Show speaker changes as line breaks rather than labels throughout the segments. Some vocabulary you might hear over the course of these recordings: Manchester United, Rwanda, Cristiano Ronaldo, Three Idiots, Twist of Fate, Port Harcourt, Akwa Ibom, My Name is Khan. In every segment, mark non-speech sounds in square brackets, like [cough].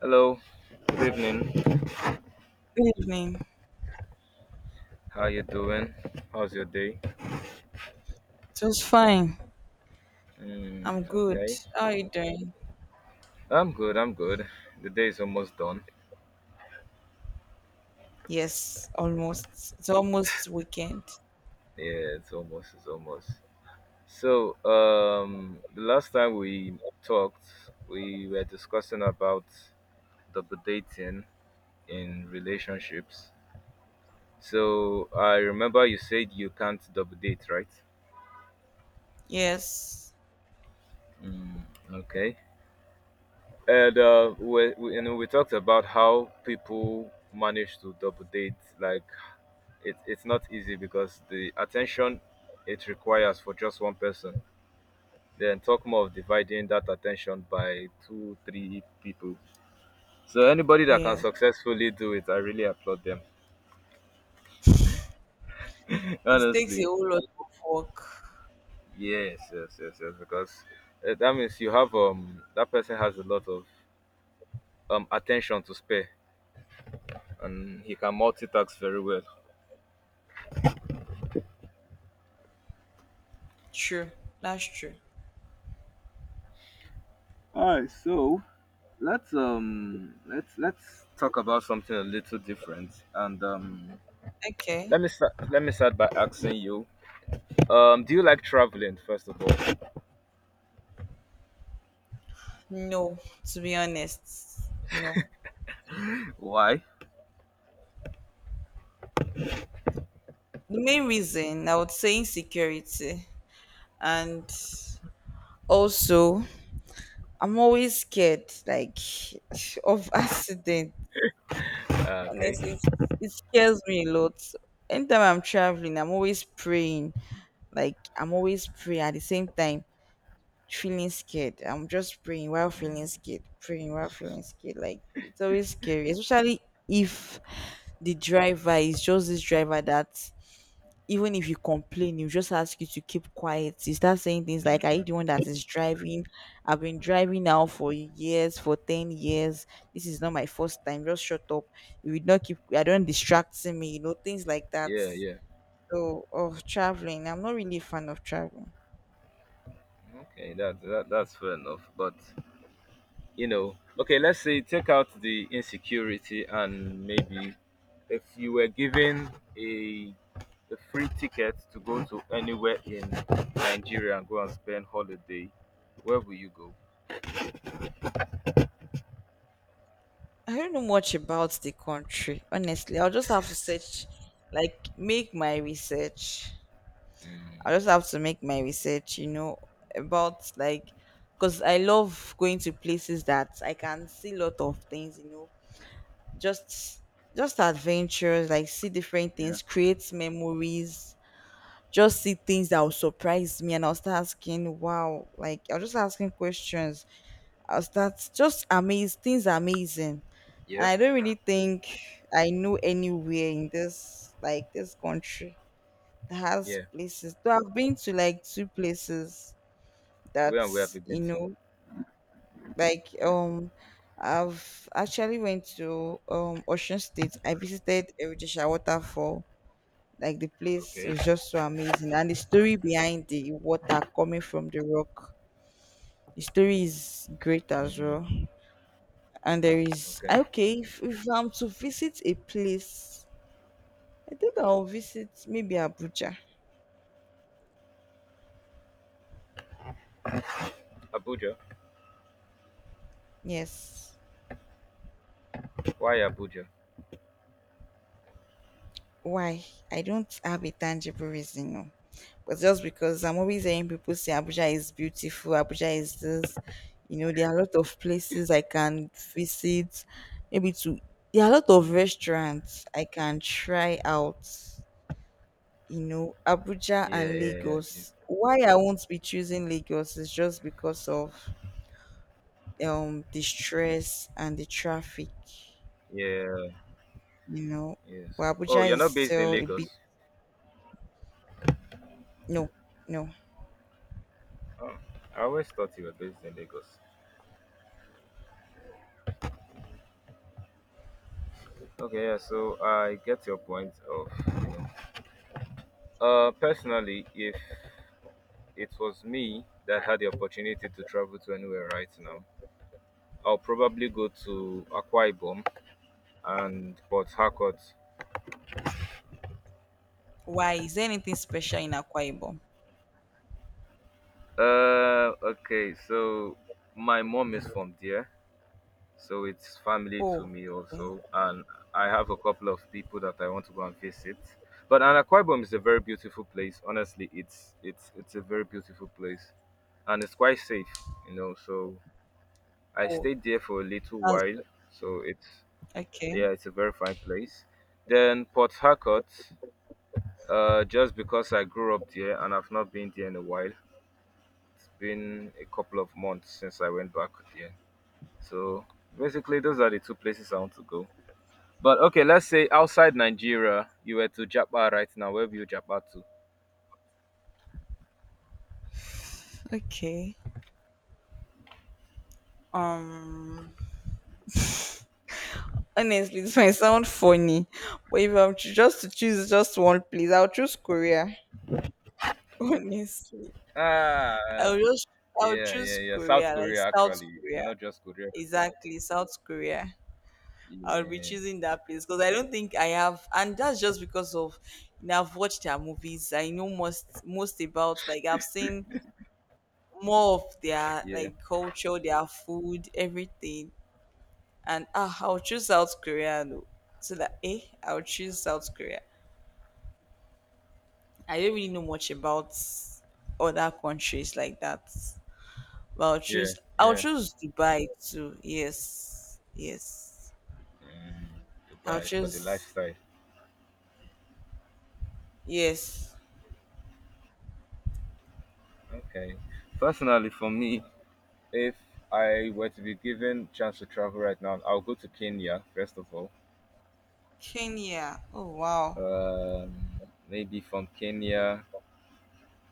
Hello, good evening.
Good evening.
How you doing? How's your day?
It was fine. I'm
Mm,
good.
okay,
How are you doing?
I'm good. I'm good. The day is almost done.
Yes, almost. It's almost weekend.
Yeah, it's almost. It's almost. So, the last time we talked, we were discussing about double dating in relationships. So I remember you said you can't double date, right?
Yes,
Mm, okay. And we we talked about how people manage to double date, like it's not easy because the attention it requires for just one person, then talk more of dividing that attention by two three people. So anybody that can
yes.
successfully do it, I really applaud them. [laughs]
It takes a
Honestly.
whole lot of work.
Yes, yes, yes, yes, because that means you have that person has a lot of attention to spare, and he can multitask very well.
True. That's true.
All right, so let's talk about something a little different, and
Okay.
let me start. Let me start by asking you. Do you like traveling, first of all?
No, to be honest, no.
Why?
The main reason I would say insecurity, and also I'm always scared like [laughs] of accident.
Okay.
Honestly, it scares me a lot. Anytime I'm traveling, I'm always praying, like I'm always praying. At the same time feeling scared, I'm just praying while feeling scared, praying while feeling scared. Like it's always scary, especially if the driver is just this driver that, even if you complain, you just ask you to keep quiet. You start saying things like, "Are you the one that is driving? I've been driving now for years, for 10 years. This is not my first time. Just shut up. You would not keep, I don't distract me," you know, things like that.
Yeah, yeah.
So, traveling, I'm not really a fan of traveling.
Okay, that's fair enough. But okay, let's say take out the insecurity, and maybe if you were given a a free ticket to go to anywhere in Nigeria and go and spend holiday, where will you go?
I don't know much about the country, honestly. I'll just have to search, like, make my research.
Mm.
I just have to make my research, you know, about, like, because I love going to places that I can see a lot of things, you know, just adventures, like see different
Yeah.
things, create memories, just see things that will surprise me, and I'll start asking, wow, like I'll just asking questions. I'll start just amazed, things are amazing, and
Yeah,
I don't really think I know anywhere in this, like, this country has
yeah.
places. So I've been to like two places that,
Where and where have you been
you
to?
know, like I've actually went to Ocean State. I visited Eritrea Waterfall. Like the place
Okay.
was just so amazing, and the story behind the water coming from the rock, the story is great as
Mm.
well. And there is,
Okay.
okay, if I'm to visit a place, I think I'll visit maybe Abuja.
Abuja.
Yes.
Why Abuja?
Why? I don't have a tangible reason, no. But just because I'm always hearing people say Abuja is beautiful, Abuja is this, you know, there are a lot of places I can visit, maybe to, there are a lot of
Mm,
restaurants I can try out, you know, Abuja
yeah,
and
yeah, yeah,
Lagos. Why I won't be choosing Lagos is just because of the stress and the traffic,
yeah, yeah,
you know.
yes.
But
Oh,
Abuja
you're not
is
based in
still a bit.
Lagos.
No, no.
Oh, I always thought you were based in Lagos. Okay, yeah. So I get your point personally. If it was me that had the opportunity to travel to anywhere right now, I'll probably go to Akwa Ibom and Port Harcourt.
Why? Is there anything special in Akwa Ibom?
Okay. So my mom is from there. So it's family to
Oh,
me
okay.
also, and I have a couple of people that I want to go and visit. But Anakwibom is a very beautiful place. Honestly, it's a very beautiful place, and it's quite safe. So I
Oh,
stayed there for a little
that's
while. So it's
good. Okay.
yeah, it's a very fine place. Then Port Harcourt, just because I grew up there and I've not been there in a while. It's been a couple of months since I went back there. So basically, those are the two places I want to go. But okay, let's say outside Nigeria, you were to Japan right now. Where will you Japan to?
Okay. Um, Honestly, this might sound funny, but if I'm to- just to choose just one place, I'll choose Korea. [laughs] Honestly,
Ah,
I'll just I'll
yeah, yeah,
choose
yeah. South
Korea, like
Korea
South
actually,
Korea.
not just Korea.
Exactly, South Korea. I'll be
Yeah,
choosing that place because I don't think I have, and that's just because of, you know, I've watched their movies. I know most about, like, I've seen more of their
yeah,
like culture, their food, everything. And ah, I'll choose South Korea though. So that eh, I'll choose South Korea. I don't really know much about other countries like that. But
yeah,
I'll
yeah.
choose Dubai too. Yes. Yes.
Mm,
I'll
Dubai for the
choose,
lifestyle.
yes.
Okay. Personally, for me, if I were to be given chance to travel right now, I'll go to Kenya first of all.
Kenya. Oh wow.
Um, Maybe from Kenya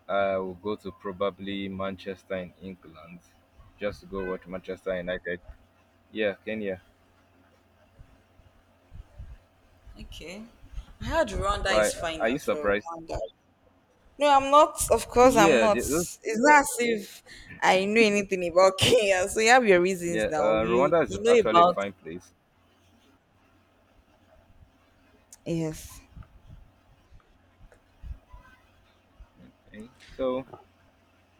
I will go to probably Manchester in England, just to go watch Manchester United. Yeah, Kenya.
Okay. I heard Rwanda
Why?
is fine
Are you
as well.
surprised?
Rwanda. No, I'm not. Of course, I'm
Yeah,
not. It's not as if I know anything about [laughs] Kenya. So you have your reasons
yeah.
now. You
Rwanda is
you know
actually a
about,
fine place.
yes.
Eh. So,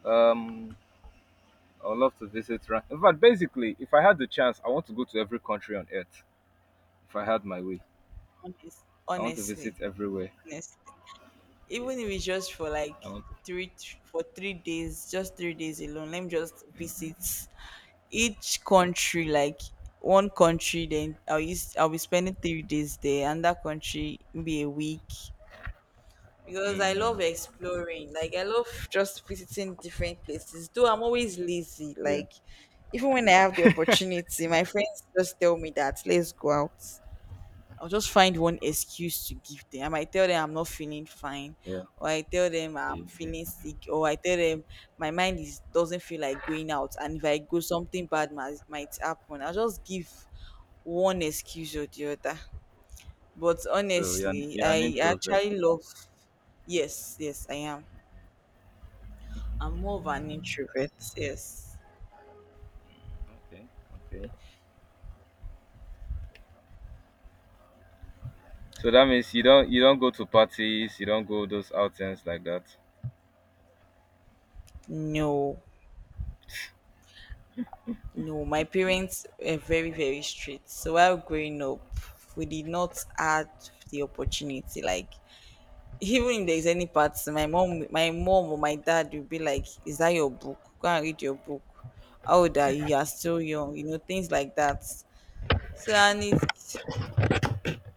um, I'd love to visit. In fact, basically, if I had the chance, I want to go to every country on earth. If I had my way,
honest,
I want to
Honestly,
visit everywhere.
honestly,
Yeah,
even if it's just for like
I want. To,
for 3 days, just 3 days alone. Let me just visit each country, like one country. Then I'll be spending 3 days there, and that country be a week. Because I
mm,
love exploring. Like I love just visiting different places. Though I'm always lazy.
yeah,
Like even when I have the opportunity, my friends just tell me that let's go out. I'll just find one excuse to give them. I might tell them I'm not feeling fine,
yeah,
or I tell them
yeah,
I'm feeling
yeah.
sick, or I tell them my mind is doesn't feel like going out, and if I go, something bad might happen. I'll just give one excuse or the other. But
So
honestly,
you're an
I
introvert.
actually love. Yes, yes, I am. I'm more of an introvert. Yes.
Okay, okay. So that means you don't, you don't go to parties, you don't go those outings like that.
No, no. My parents were very, very strict. So while growing up, we did not have the opportunity. Like, even if there's any parts, my mom or my dad will be like, "Is that your book? Go and read your book. How old are you? You are still young." You know, things like that. So and it,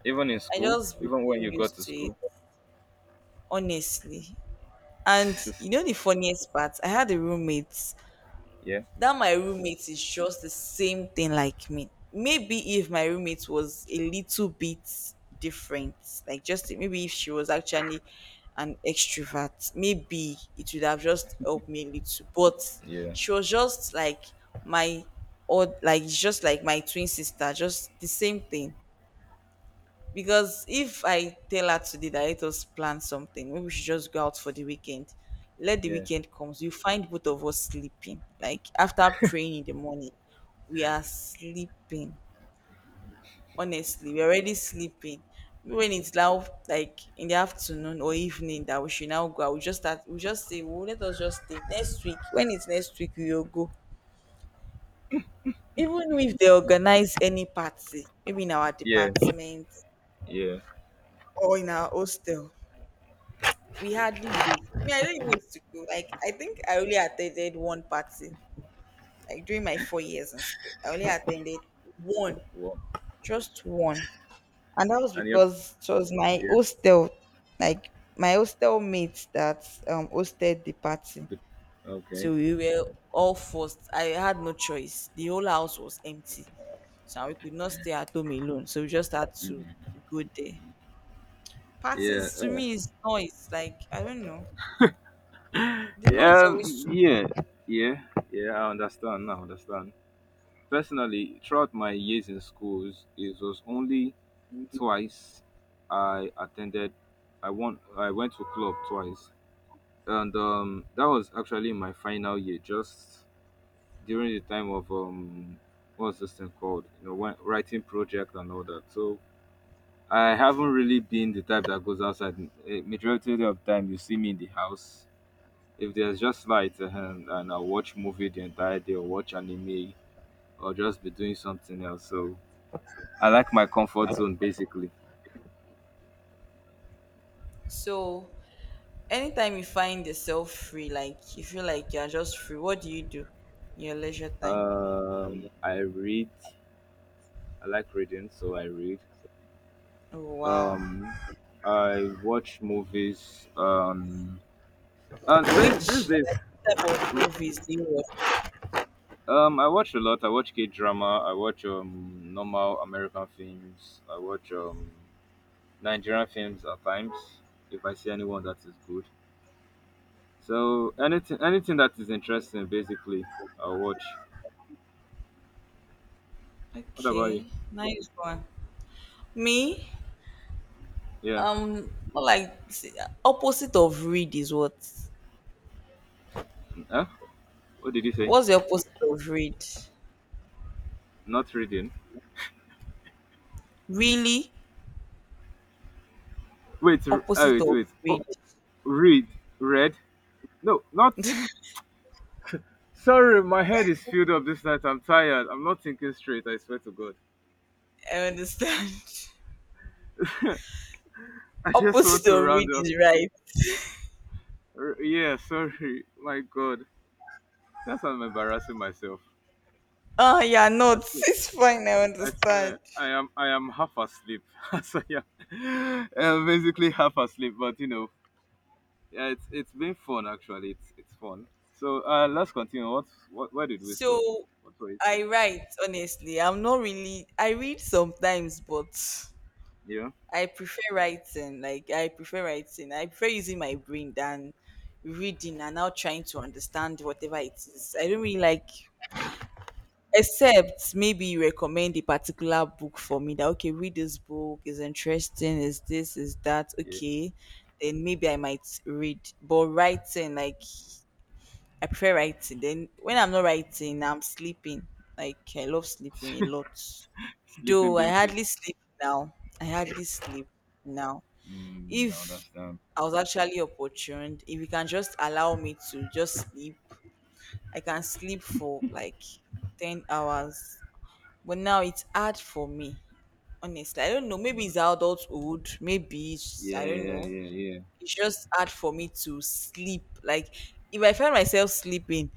Even in
I
school,
just
even when
became
you go
used
to
to it,
school.
honestly. And you know
[laughs]
the funniest part? I had a roommate
Yeah,
that my roommate is just the same thing like me. Maybe if my roommate was a little bit different, like just maybe if she was actually an extrovert, maybe it would have just helped me a little. But
yeah,
she was just like my, or like just like my twin sister, just the same thing. Because if I tell her today that let us plan something, maybe we should just go out for the weekend. Let the
yeah,
weekend comes, you find both of us sleeping. Like after praying in the morning, we are sleeping. Honestly, we're already sleeping. When it's now like in the afternoon or evening that we should now go out, we just start. We just say, "Well, let us just stay next week." When it's next week, we will go. Even if they organize any party, maybe in our
yeah,
department
yeah.
or in our hostel, we hardly go. Me, I don't even used to go. Like, I think I only attended one party. Like during my 4 years in school, I only attended one,
Well,
just one, and that was
and yeah,
because it was my
yeah.
hostel, like my hostel mates that hosted the party.
the- Okay.
So we were all forced. I had no choice. The whole house was empty, so we could not stay at home alone. So we just had to
Mhm.
go there.
Yeah.
Parties to
uh,
me is noise. Like I don't know, the
Yeah.
noise
mm,
always.
Yeah. Yeah. Yeah. I understand now. Understand. Personally, throughout my years in schools, it was only twice I attended. I won. I went to club twice, and that was actually my final year, just during the time of, what's this thing called? You know, when writing project and all that. So I haven't really been the type that goes outside. Majority of the time, you see me in the house. If there's just light, and I watch movie the entire day, or watch anime, or just be doing something else. So I like my comfort zone basically.
So anytime you find yourself free, like you feel like you're just free, what do you do in your leisure time?
I read. I like reading, so I read.
Oh, wow.
Um, I watch movies. And these
Which
days,
type of movies do you watch?
I watch a lot. I watch K drama. I watch normal American films. I watch Nigerian films at times if I see anyone that is good. So anything, anything that is interesting, basically, I watch. What about you?
Okay, nice one. Me,
Yeah.
um, more like see, opposite of read is what?
Huh? What did you say?
What's the opposite of read?
Not reading.
Really,
Wait. Oh,
opposite
wait.
of
Wait. Oh,
read.
read. Read. No, not Sorry, my head is filled up this night. I'm tired. I'm not thinking straight. I swear to God.
I understand.
[laughs] I
[laughs]
just want
Opposite
to
of
round
read
up.
is right.
Yeah, sorry. My God, that's I'm embarrassing myself.
Oh, yeah,
I
not. [laughs]
swear,
It's fine. I understand.
I am half asleep. [laughs] As I am, I'm basically half asleep. But yeah, it's been fun actually. It's fun. So let's continue. What Where did we stop?
So
What were you
I
saying?
write, honestly. I'm not really, I read sometimes, but
Yeah,
I prefer writing. Like, I prefer writing. I prefer using my brain than reading and now trying to understand whatever it is. I don't really like, except maybe you recommend a particular book for me that, okay, read this book, is interesting, is this, is that,
yeah.
okay. Then maybe I might read. But writing, like, I prefer writing. Then when I'm not writing, I'm sleeping. Like I love sleeping a lot.
[laughs] Sleeping
Though I
Beauty.
hardly sleep now. I hardly sleep now.
Mm, I
If
understand.
I was actually opportuned, if you can just allow me to just sleep, I can sleep for like 10 hours. But now it's hard for me. Honestly, I don't know. Maybe it's adulthood. Maybe it's,
Yeah,
I don't
yeah,
know.
yeah, yeah.
It's just hard for me to sleep. Like if I find myself sleeping,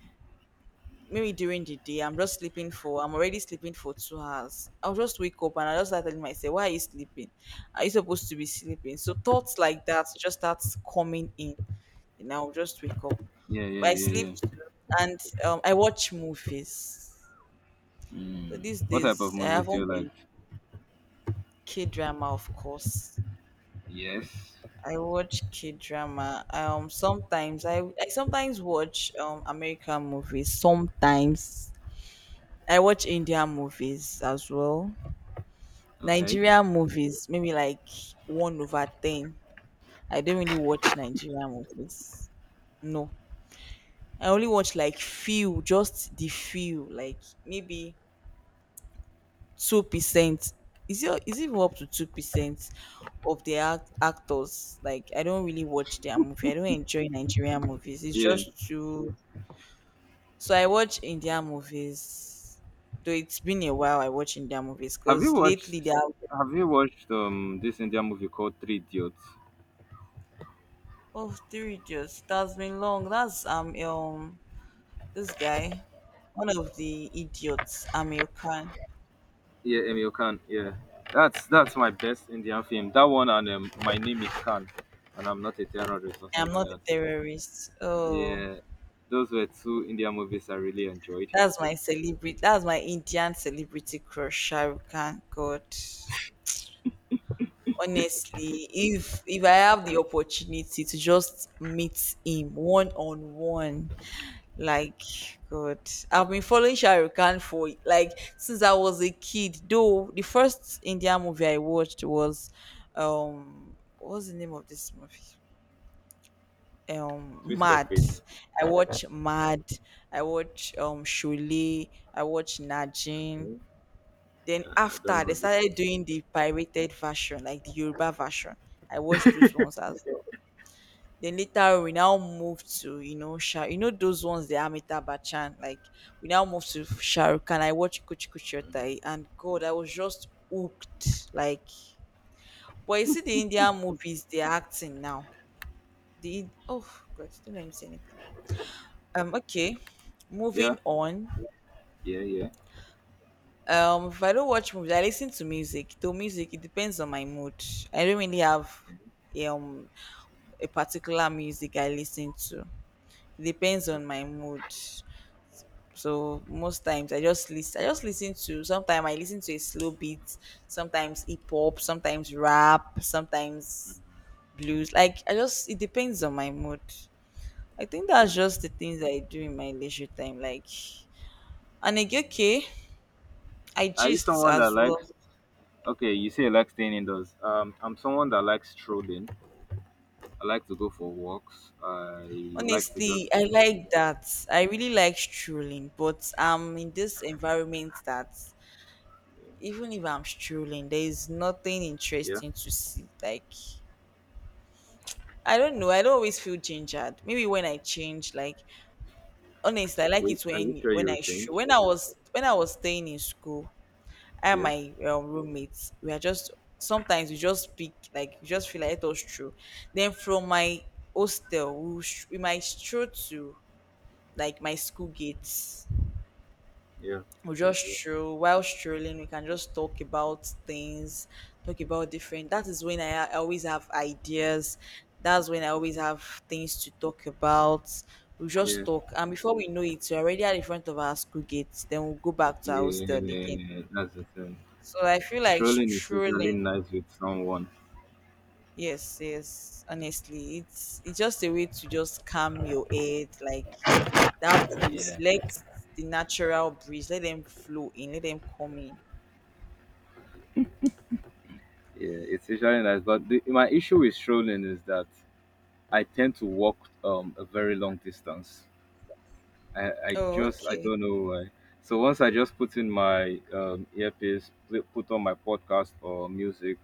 maybe during the day, I'm just sleeping for, I'm already sleeping for 2 hours, I'll just wake up, and I just start telling myself, why are you sleeping? Are you supposed to be sleeping? So thoughts like that just starts coming in, and I'll just wake up.
Yeah,
But I
yeah, yeah,
sleep
yeah.
too, and I watch movies. So
Mm.
these
What type of
days I
movies do you
haven't
like?
been, k-drama of course.
Yes.
I watch k-drama. Sometimes I sometimes watch american movies. Sometimes I watch indian movies as well.
Okay.
Nigerian movies, maybe like 1 over 10. I don't really watch Nigerian movies. No. I only watch like few, just the few, like maybe 2%. Is it even up to 2% of the actors? Like I don't really watch their movie. I don't enjoy Nigerian movies. It's
Yeah.
just too, so I watch Indian movies. Though it's been a while I watch Indian movies
Have you
because lately they
watched
have.
Have you watched this Indian movie called Three Idiots?
Oh, three idiots. That's been long. That's this guy, one of the idiots. Amir Khan.
Yeah, Emil Khan. Yeah. That's my best Indian film. That one, and My Name is Khan, and I'm not a terrorist or
I'm
something like
not a
that.
terrorist. Oh,
Yeah. Those were two Indian movies I really enjoyed.
that's my celebrity. That's my Indian celebrity crush, Shahrukh Khan. God. Honestly, if I have the opportunity to just meet him one on one, like God, I've been following Shah Rukh Khan for like since I was a kid. Though the first Indian movie I watched was, what was the name of this movie?
Twist of
Mad.
Fate.
I watch Mad. I watch Shule. I watch Najin.
Okay.
Then
I don't
after
know
they
what this
started
was.
doing the pirated version, like the Yoruba version. I watched those ones as well. Then later we now moved to, you know, Shah, you know those ones, the Amita Bachan. Like, we now moved to Shahrukh and I watched Kuch Kuch Hotai and God, I was just hooked. Like, but you see the Indian movies, they're acting now. The oh God, don't let me say anything. Um, okay,
Yeah.
moving on.
Yeah. Yeah.
If I don't watch movies, I listen to music. Though music, it depends on my mood. I don't really have um a particular music I listen to. It depends on
Okay.
my mood. So most times I just listen. I just listen to. Sometimes I listen to a slow beat. Sometimes hip hop. Sometimes rap. Sometimes blues. Like, I just it depends on my mood. I think
Yeah.
that's just the things I do in my leisure time. Like and again, okay, I
Are you
gist
someone that
as well.
likes? Okay, you say you like staying indoors. I'm someone that likes strolling. I like to go for walks. I like to just,
Honestly, I like that. I really like strolling, but I'm in this environment that even if I'm strolling, there is nothing
yeah.
interesting to see. Like, I don't know. I don't always feel gingered. Maybe when I change, like, honestly, I like
Wait,
it
are you
when
sure you will
I stroll.
change?
When I was staying in school, I and
Yeah,
my roommates, we are just sometimes we just speak like we just feel like it was true. Then from my hostel, we, will we might stroll to like my school gates.
yeah,
We just stroll. While strolling, we can just talk about things, talk about different. That is when I always have ideas. That's when I always have things to talk about. We
yeah,
just talk, and before we know it, we're already at the front of our school gates, then we'll go back to our hostel again.
yeah. That's the thing.
So I feel like
Strolling is
strolling,
usually nice with someone.
yes, yes, honestly, it's just a way to just calm your head. Like, that breeze,
Yeah,
let the natural breeze let them flow in, let them come in.
yeah. It's usually nice, but my issue with strolling is that I tend to walk a very long distance. I, I
Oh,
just I
okay.
don't know why. So once I just put in my earpiece, put on my podcast or music,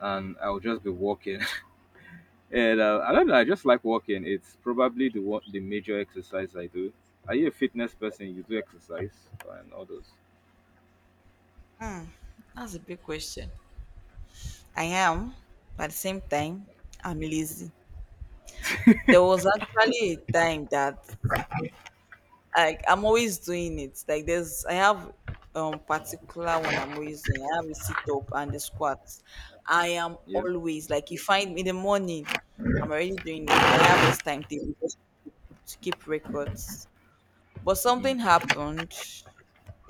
and I'll just be walking. [laughs] And I don't know. I just like walking. It's probably the major exercise I do. Are you a fitness person? You do exercise and all those.
Hmm, that's a big question. I am, but at the same time, I'm lazy. There was actually a time that like I'm always doing it. Like, there's I have particular one I'm always doing. I have a sit up and the squats. I am
Yeah.
always like you find me in the morning, I'm already doing it. I have this timetable just to keep records. But
Mm,
something happened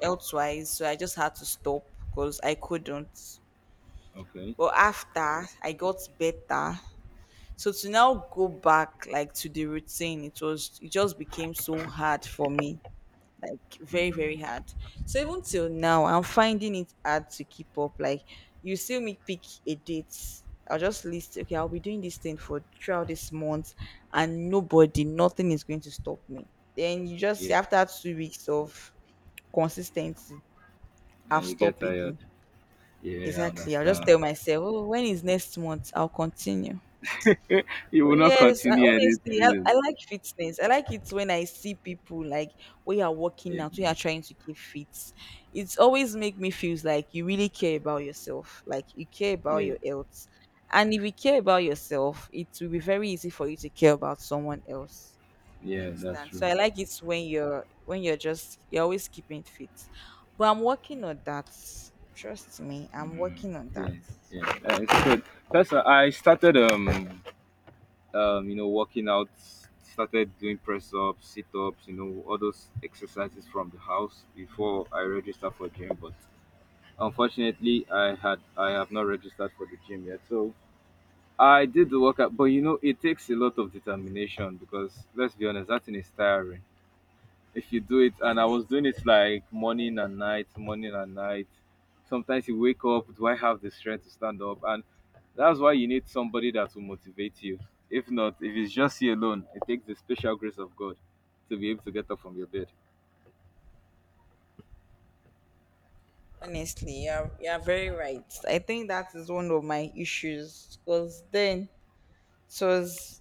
elsewise, so I just had to stop because I couldn't.
okay.
But after I got better, so to now go back like to the routine, it was it just became so hard for me. Like very, very
Mm,
hard. So even till now, I'm finding it hard to keep up. Like, you see me pick a date. I'll just list okay, I'll be doing this thing for throughout this month and nobody, nothing is going to stop me. Then you just see
yeah.
after 2 weeks of consistency,
And
I've
you get
stopped
tired.
again.
Yeah, I
Exactly. I'll just
understand.
tell myself, oh, when is next month? I'll continue.
You
So
will not
yes, I
continue
honestly I
anything.
like fitness. I like it when I see people like when you are working
Yeah.
out, when you are trying to keep fit. It's always make me feels like you really care about yourself. Like, you care about
Yeah.
your health. And if you care about yourself, it will be very easy for you to care about someone else. You
Yeah. That's
understand?
true.
So I like it when you're just you're always keeping fit. But I'm working on that. Trust me, I'm
Mm,
working on that.
yeah, yeah, it's good. That's I started working out, started doing press ups, sit ups, you know, all those exercises from the house before I registered for gym. But unfortunately, I have not registered for the gym yet. So I did the workout, but you know it takes a lot of determination, because let's be honest, that thing is tiring if you do it. And I was doing it like morning and night, morning and night. Sometimes you wake up, do I have the strength to stand up? And that's why you need somebody that will motivate you. If not, if it's just you alone, it takes the special grace of God to be able to get up from your bed.
Honestly, you're very right. I think that is one of my issues because then it was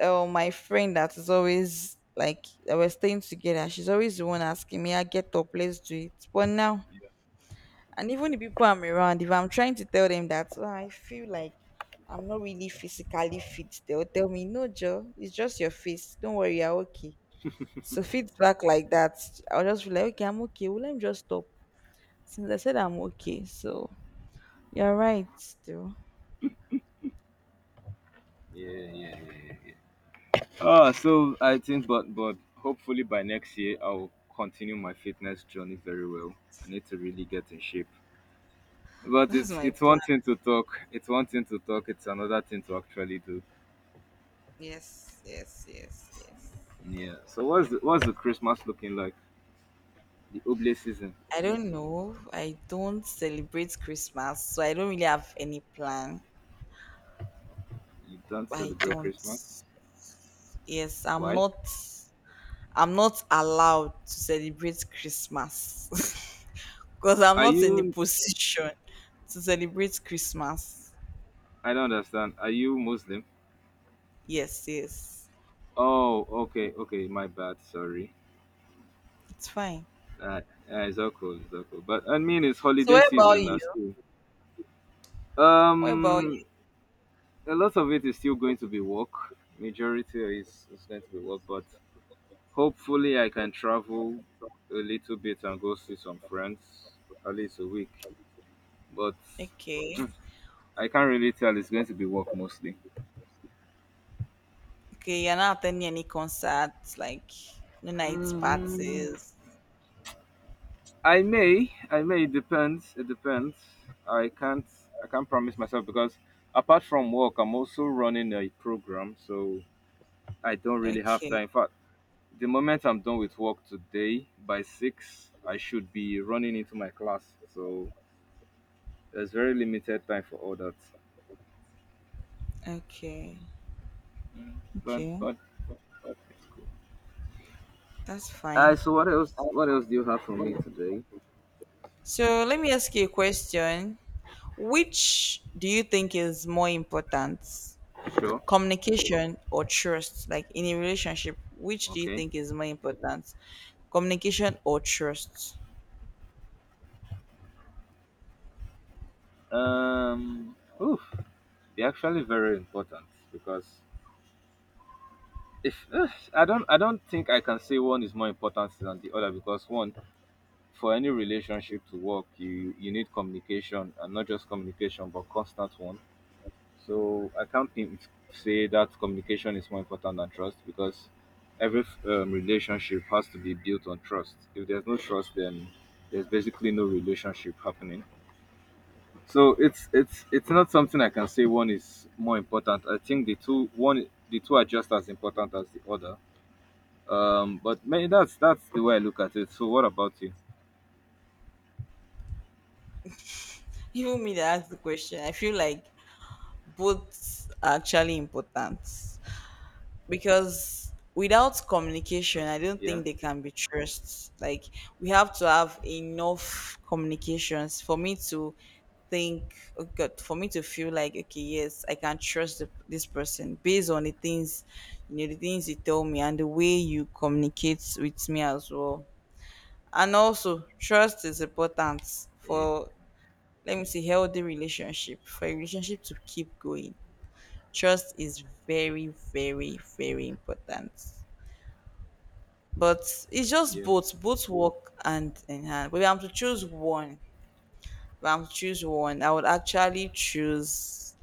my friend that is always like I was staying together. She's always the one asking me, "I get up, let's do it." But now,
Yeah,
and even the people I'm around, if I'm trying to tell them that "Oh, I feel like I'm not really physically fit, they'll tell me, "No, Joe, it's just your face. Don't worry, you're okay." So feedback like that, I'll just be like, "Okay, I'm okay. Well, let me just stop." Since I said I'm okay, so you're right, though.
yeah, yeah, yeah, yeah. Ah, so I think, but hopefully by next year I'll continue my fitness journey very well. I need to really get in shape. But
That's
it's
my
it's one
plan.
thing to talk, it's another thing to actually do.
Yes, yes, yes, yes.
Yeah. So what's the Christmas looking like? The Oblate season.
I don't know. I don't celebrate Christmas, so I don't really have any plan.
You don't
I
celebrate
don't.
Christmas.
Yes, I'm
Why?
not. I'm not allowed to celebrate Christmas [laughs] because I'm
Are
not in the
you?
position to celebrate Christmas.
I don't understand. Are you Muslim?
Yes, yes,
Oh, okay, okay. My bad. Sorry.
it's fine.
Uh, uh, it's all cool. It's all cool. But I mean, it's
So
holiday
what about
season now
you?
still.
What about you?
Um, a lot of it is still going to be work. Majority is going to be work, but hopefully I can travel a little bit and go see some friends, at least a week. But
Okay.
I can't really tell. It's going to be work mostly.
Okay, you're not attending any concerts, like no night
Mm,
parties.
I may, I may. It depends. It depends. I can't, I can't promise myself, because apart from work, I'm also running a program, so I don't really have
Okay,
time. In fact, the moment I'm done with work today by 6, I should be running into my class. So there's very limited time for all that.
okay,
But,
okay.
but,
That's fine.
so what else? What else do you have for me today?
So let me ask you a question. Which do you think is more important?
Sure.
Communication or trust? Like in a relationship, which do you
Okay.
think is more important? Communication or trust?
Oof. They're actually very important, because if ugh, I don't think I can say one is more important than the other, because one for any relationship to work, you need communication, and not just communication but constant one. So I can't think, say that communication is more important than trust, because every relationship has to be built on trust. If there's no trust, then there's basically no relationship happening. So it's not something I can say one is more important. I think the two are just as important as the other. But may that's the way I look at it. So what about you?
Even me that asked the question, I feel like both are actually important. Because without communication, I
Okay.
don't think
Yeah.
they can be trust. Like, we have to have enough communications for me to think oh god for me to feel like okay yes I can trust this person based on the things, you know, the things you tell me and the way you communicate with me as well. And also trust is important
Yeah.
for let me see healthy relationship, for a relationship to keep going, trust is very, very, very important. But it's just
Yeah.
both work hand in hand. But if I'm to choose one, if I'm to choose one, I would actually choose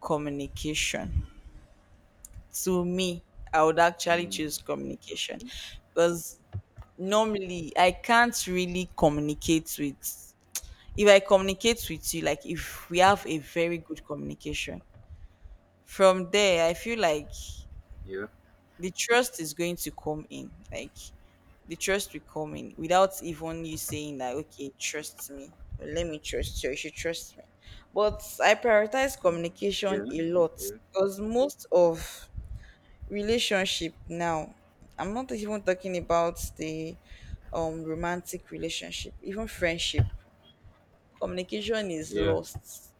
communication. To me, I would actually
Mm.
choose communication
Okay.
because normally I can't really communicate with. If I communicate with you, like if we have a very good communication, from there I feel like
Yeah.
the trust is going to come in. Like, the trust will come in without even you saying that okay trust me or let me trust you, you should trust me. But I prioritize
Mm.
communication
Yeah.
a lot because most of relationship now, I'm not even talking about the romantic relationship, even friendship, communication is
Yeah. Yeah.
lost.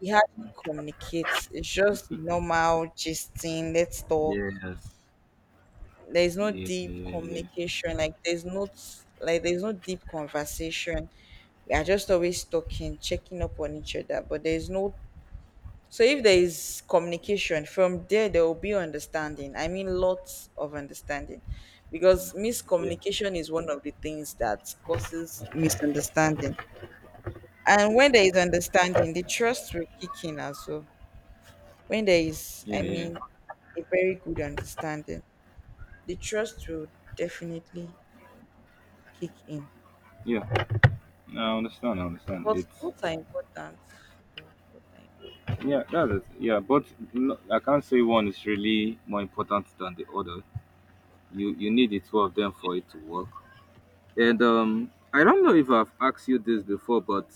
We hardly communicate. It's just the normal gisting, let's talk.
Yes.
There's no
Yeah. Yeah.
deep
Yeah.
communication, like there's no deep conversation. We are just always talking, checking up on each other, but there's no. So if there is communication, from there there will be understanding. I mean, lots of understanding, because
Understand. Yeah.
miscommunication is one of the things that causes misunderstanding. And when there is understanding, the trust will kick in as well. When there is,
Yeah.
I
Yeah.
mean, a very good understanding, the trust will definitely kick in.
Yeah. No, I understand. I understand.
But
It's
both are important, though. Both are important.
yeah. That's it. Yeah. But no, I can't say one is really more important than the other. You need the two of them for it to work, and I don't know if I've asked you this before, but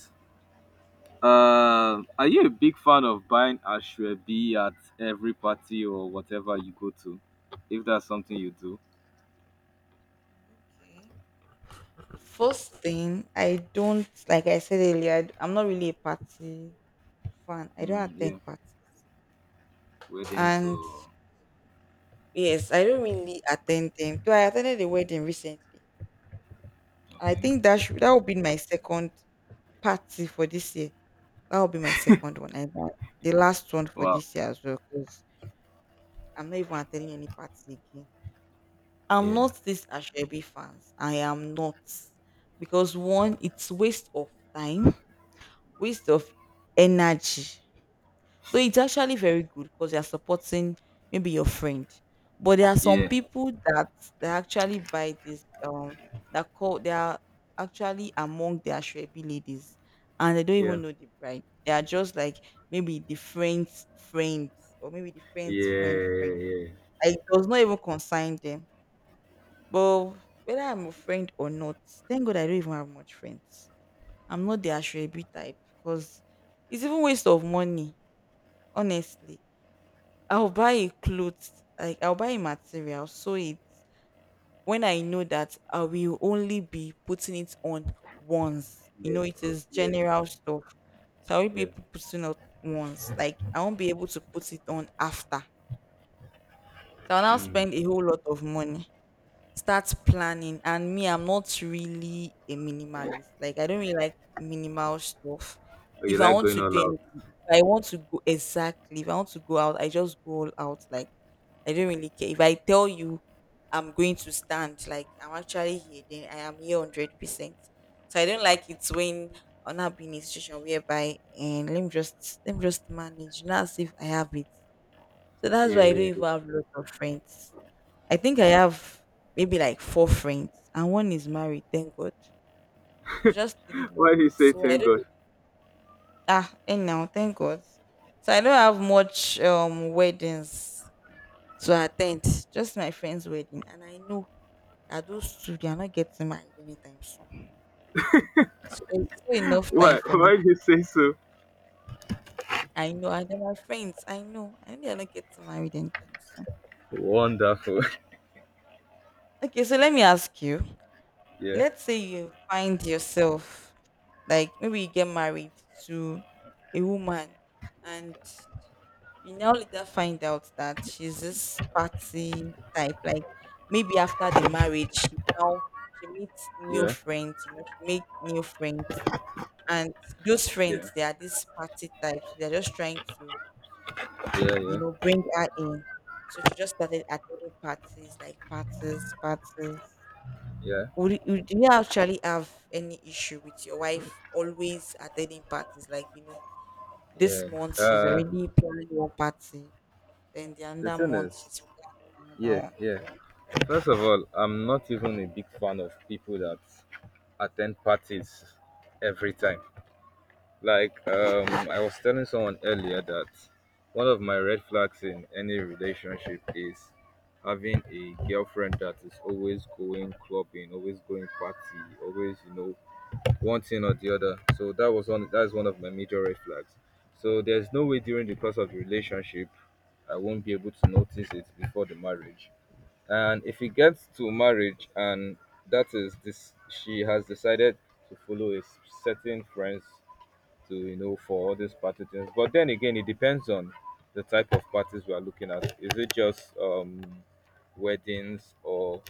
are you a big fan of buying ashwabi at every party or whatever you go to, if that's something you do?
Okay. First thing, I don't like I said earlier, I'm not really a party fan. I don't
Mm,
attend
yeah.
parties.
Weddings
And
or.
yes, I don't really attend them. Though I attended a wedding recently. I
Okay.
think that should, that would be my second party for this year. That would be my second one. And that, the last one for
Wow.
this year as well. Because I'm not even attending any party again. I'm
Yeah.
not this Ashebe fans. I am not. Because one, it's waste of time, waste of energy. Though it's actually very good because you're supporting maybe your friend. But there are some
Yeah.
people that they actually buy this that call they are actually among the Ashwebi ladies and they don't
Yeah.
even know the bride. They are just like maybe the friend's friend or maybe the
Yeah.
friend.
Yeah.
Like, it does not even concern them, but whether I'm a friend or not, thank God I don't even have much friends. I'm not the Ashrebi type because it's even waste of money, honestly. I'll buy a clothes, like I'll buy a material, so it when I know that I will only be putting it on once. You
Yeah.
know, it
Oh,
is
yeah.
general stuff. So I will
Yeah.
be putting it once. Like, I won't be able to put it on after. So I'll now
Mm.
spend a whole lot of money, start planning. And me, I'm not really a minimalist. Like, I don't really like minimal stuff.
Oh,
If
you
I
like
want
going
to
all
do
out.
anything, if I want to go exactly if I want to go out, I just go all out. Like, I don't really care. If I tell you I'm going to stand, like I'm actually here, then I am here 100%. So I don't like it when I'll not be in a situation whereby and let me just manage not as if I have it. So that's
Yeah.
why I don't
Yeah, yeah.
even have lots of friends. I think I have maybe like four friends, and one is married, thank God. So just three
[laughs]
left.
Why do you say
So I don't
thank God?
really, ah anyhow, thank God. So I don't have much weddings to attend, just my friend's wedding, and I know that those two they are not getting married anytime soon. So there's still enough time
why
for me.
why do you say so?
I know, and they're my friends. I know, they're not getting married anytime soon.
Wonderful.
Okay, so let me ask you.
[laughs] Yeah.
Let's say you find yourself like maybe you get married to a woman, and you now later find out that she's this party type. Like, maybe after the marriage she now she meets new
Yeah,
friends, you know, she make new friends. And those
yeah,
friends they are this party types, they're just trying to,
yeah,
you know,
yeah,
bring her in. So she just started attending parties like parties.
yeah,
Would you, you actually have any issue with your wife always attending parties? Like, you know, this
yeah.
month she's
Uh,
already planning one party, then the
the
other
thing
month
is,
she's planning
yeah,
another one.
yeah.
So,
First of all, I'm not even a big fan of people that attend parties every time. Like, I was telling someone earlier that one of my red flags in any relationship is having a girlfriend that is always going clubbing, always going party, always, one thing or the other. So that was one that is one of my major red flags. So there's no way during the course of the relationship I won't be able to notice it before the marriage. And if it gets to marriage and that is this she has decided to follow a certain friends to for all these party things. But then again, it depends on the type of parties we are looking at. Is it just weddings, or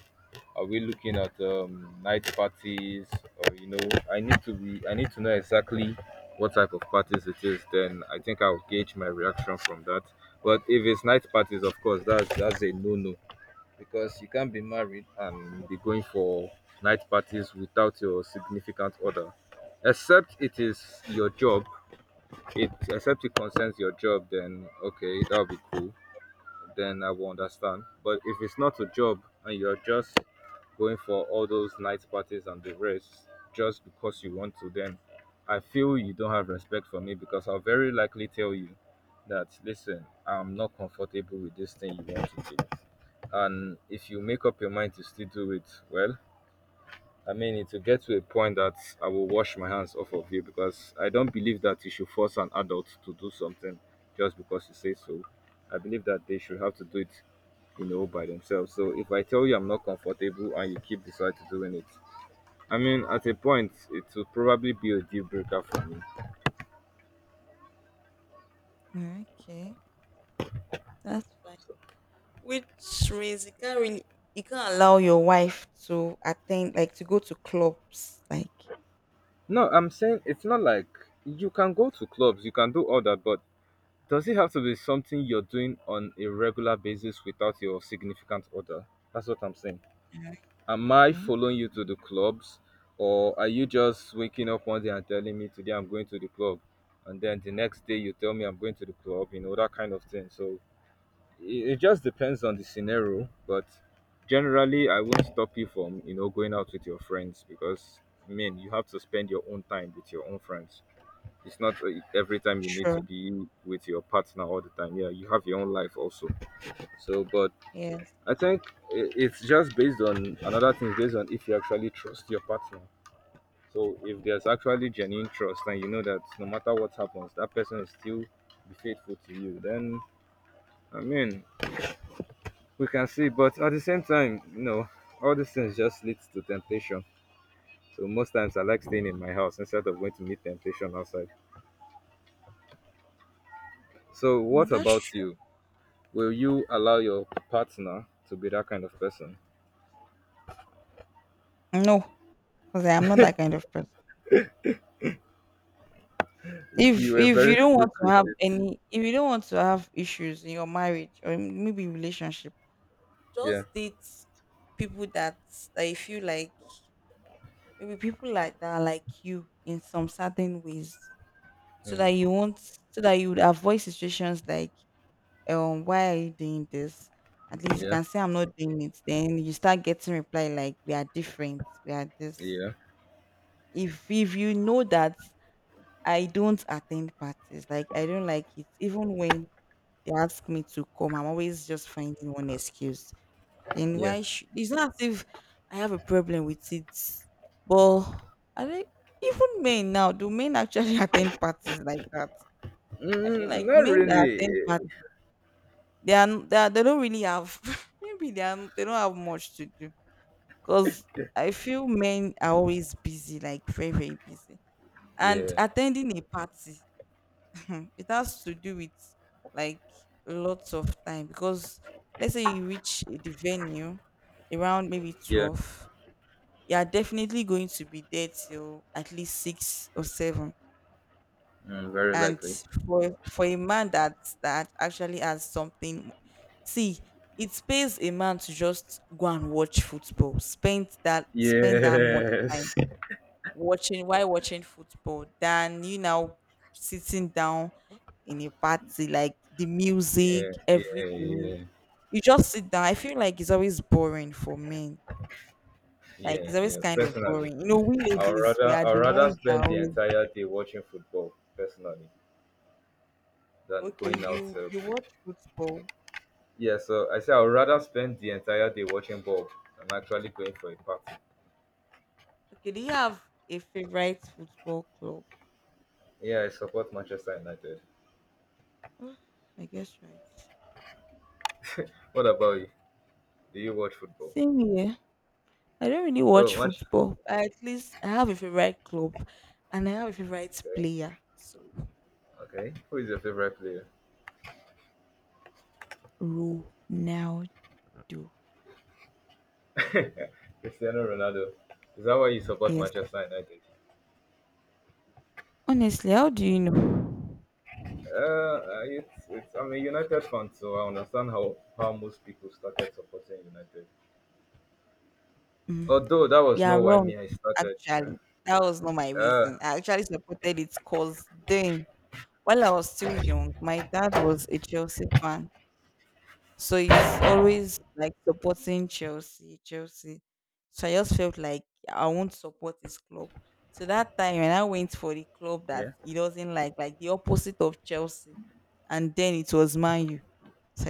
are we looking at night parties? Or I need to be. I need to know exactly what type of parties it is. Then I think I'll gauge my reaction from that. But if it's night parties, of course, that's a no-no, because you can't be married and be going for night parties without your significant other. Except it is your job. It except it concerns your job. Then okay, that'll be cool, then I will understand. But if it's not a job and you're just going for all those night parties and the rest, just because you want to, then I feel you don't have respect for me, because I'll very likely tell you that listen, I'm not comfortable with this thing you want to do. And if you make up your mind to still do it, well, I mean, it will get to a point that I will wash my hands off of you, because I don't believe that you should force an adult to do something just because you say so. I believe that they should have to do it, by themselves. So if I tell you I'm not comfortable and you keep deciding doing it, I mean, at a point, it will probably be a deal breaker for me.
mm, okay, that's fine.
So,
Which means you can't really, you can't allow your wife to attend, like to go to clubs. Like,
no, I'm saying it's not like you can go to clubs, you can do all that, but does it have to be something you're doing on a regular basis without your significant other? That's what I'm saying.
mm,
Am I
okay,
following you to the clubs? Or are you just waking up one day and telling me today I'm going to the club? And then the next day you tell me I'm going to the club, that kind of thing. So it just depends on the scenario. But generally, I won't stop you from, going out with your friends, because, I mean, you have to spend your own time with your own friends. It's not every time you need
sure,
to be with your partner all the time. Yeah, you have your own life also. So, but
yes,
I think it's just based on another thing, based on if you actually trust your partner. So if there's actually genuine trust and you know that no matter what happens, that person will still be faithful to you, then I mean we can see. But at the same time, all these things just leads to temptation. So most times I like staying in my house instead of going to meet temptation outside. So
mm,
what
that's
about you?
true.
Will you allow your partner to be that kind of person?
No, because I'm not that kind of person.
You
If
were
you
very
don't want
quick
to
with
have
it.
any if you don't want to have issues in your marriage or in- maybe relationship,
Yeah.
just date people that you feel like maybe people like that are like you in some certain ways so that
Mm.
you won't so that you would avoid situations like why are you doing this. At least you
Yeah.
can say I'm not doing it, then you start getting reply like we are different, we are this.
Yeah.
If you know that I don't attend parties, like I don't like it even when they ask me to come. I'm always just finding one excuse. Then
Yeah.
why? It's not as if I have a problem with it, but I think even men now do men actually [laughs] attend parties like that? I feel
Mm,
like
not
men that
really.
attend parties, they are, they are they don't really have [laughs] maybe they are, they don't have much to do because I feel men are always busy, like very very busy, and
Yeah.
attending a party, hmm, it has to do with like lots of time, because let's say you reach the venue around maybe
Yeah.
12, you are definitely going to be there till at least 6 or 7.
Mm, very
And
likely.
for a man that actually has something, see, it pays a man to just go and watch football, spend that much time
Yes. [laughs]
watching while watching football than you now sitting down in a party, like the music,
Yeah, yeah,
everything.
yeah,
You just sit down. I feel like it's always boring for men. Like,
yeah,
it's always
yeah.
kind of
Personally,
boring. You know, we
I'd
ladies, we
rather
are
I'd
the
rather
ones that
spend the
always
entire day watching football personally than
okay,
going out.
you you watch football.
Yeah, so I say I'd rather spend the entire day watching ball than actually going for a party.
Okay, do you have a favorite football club?
Yeah, I support Manchester United.
[gasps] [sighs] I guess right.
What about you? Do you watch football?
Same here. I don't really
Oh,
watch
much.
football. I, at least I have a favorite club and I have a favorite
Okay,
player. So
okay. Who is your favorite player?
Ronaldo.
Cristiano Ronaldo. Is that why you support
Yes.
Manchester United?
Honestly, how do you know?
I- it's I'm a United fan, so I understand how most people started supporting United.
Mm.
Although that was
You are
not why
wrong,
me I started. Sure.
actually. That was not my
Uh,
reason. I actually supported it because then, while I was still young, my dad was a Chelsea fan. So he's always like supporting Chelsea, Chelsea. So I just felt like I won't support his club. So that time when I went for the club that he
yeah.
doesn't like the opposite of Chelsea, and then it was Man U. So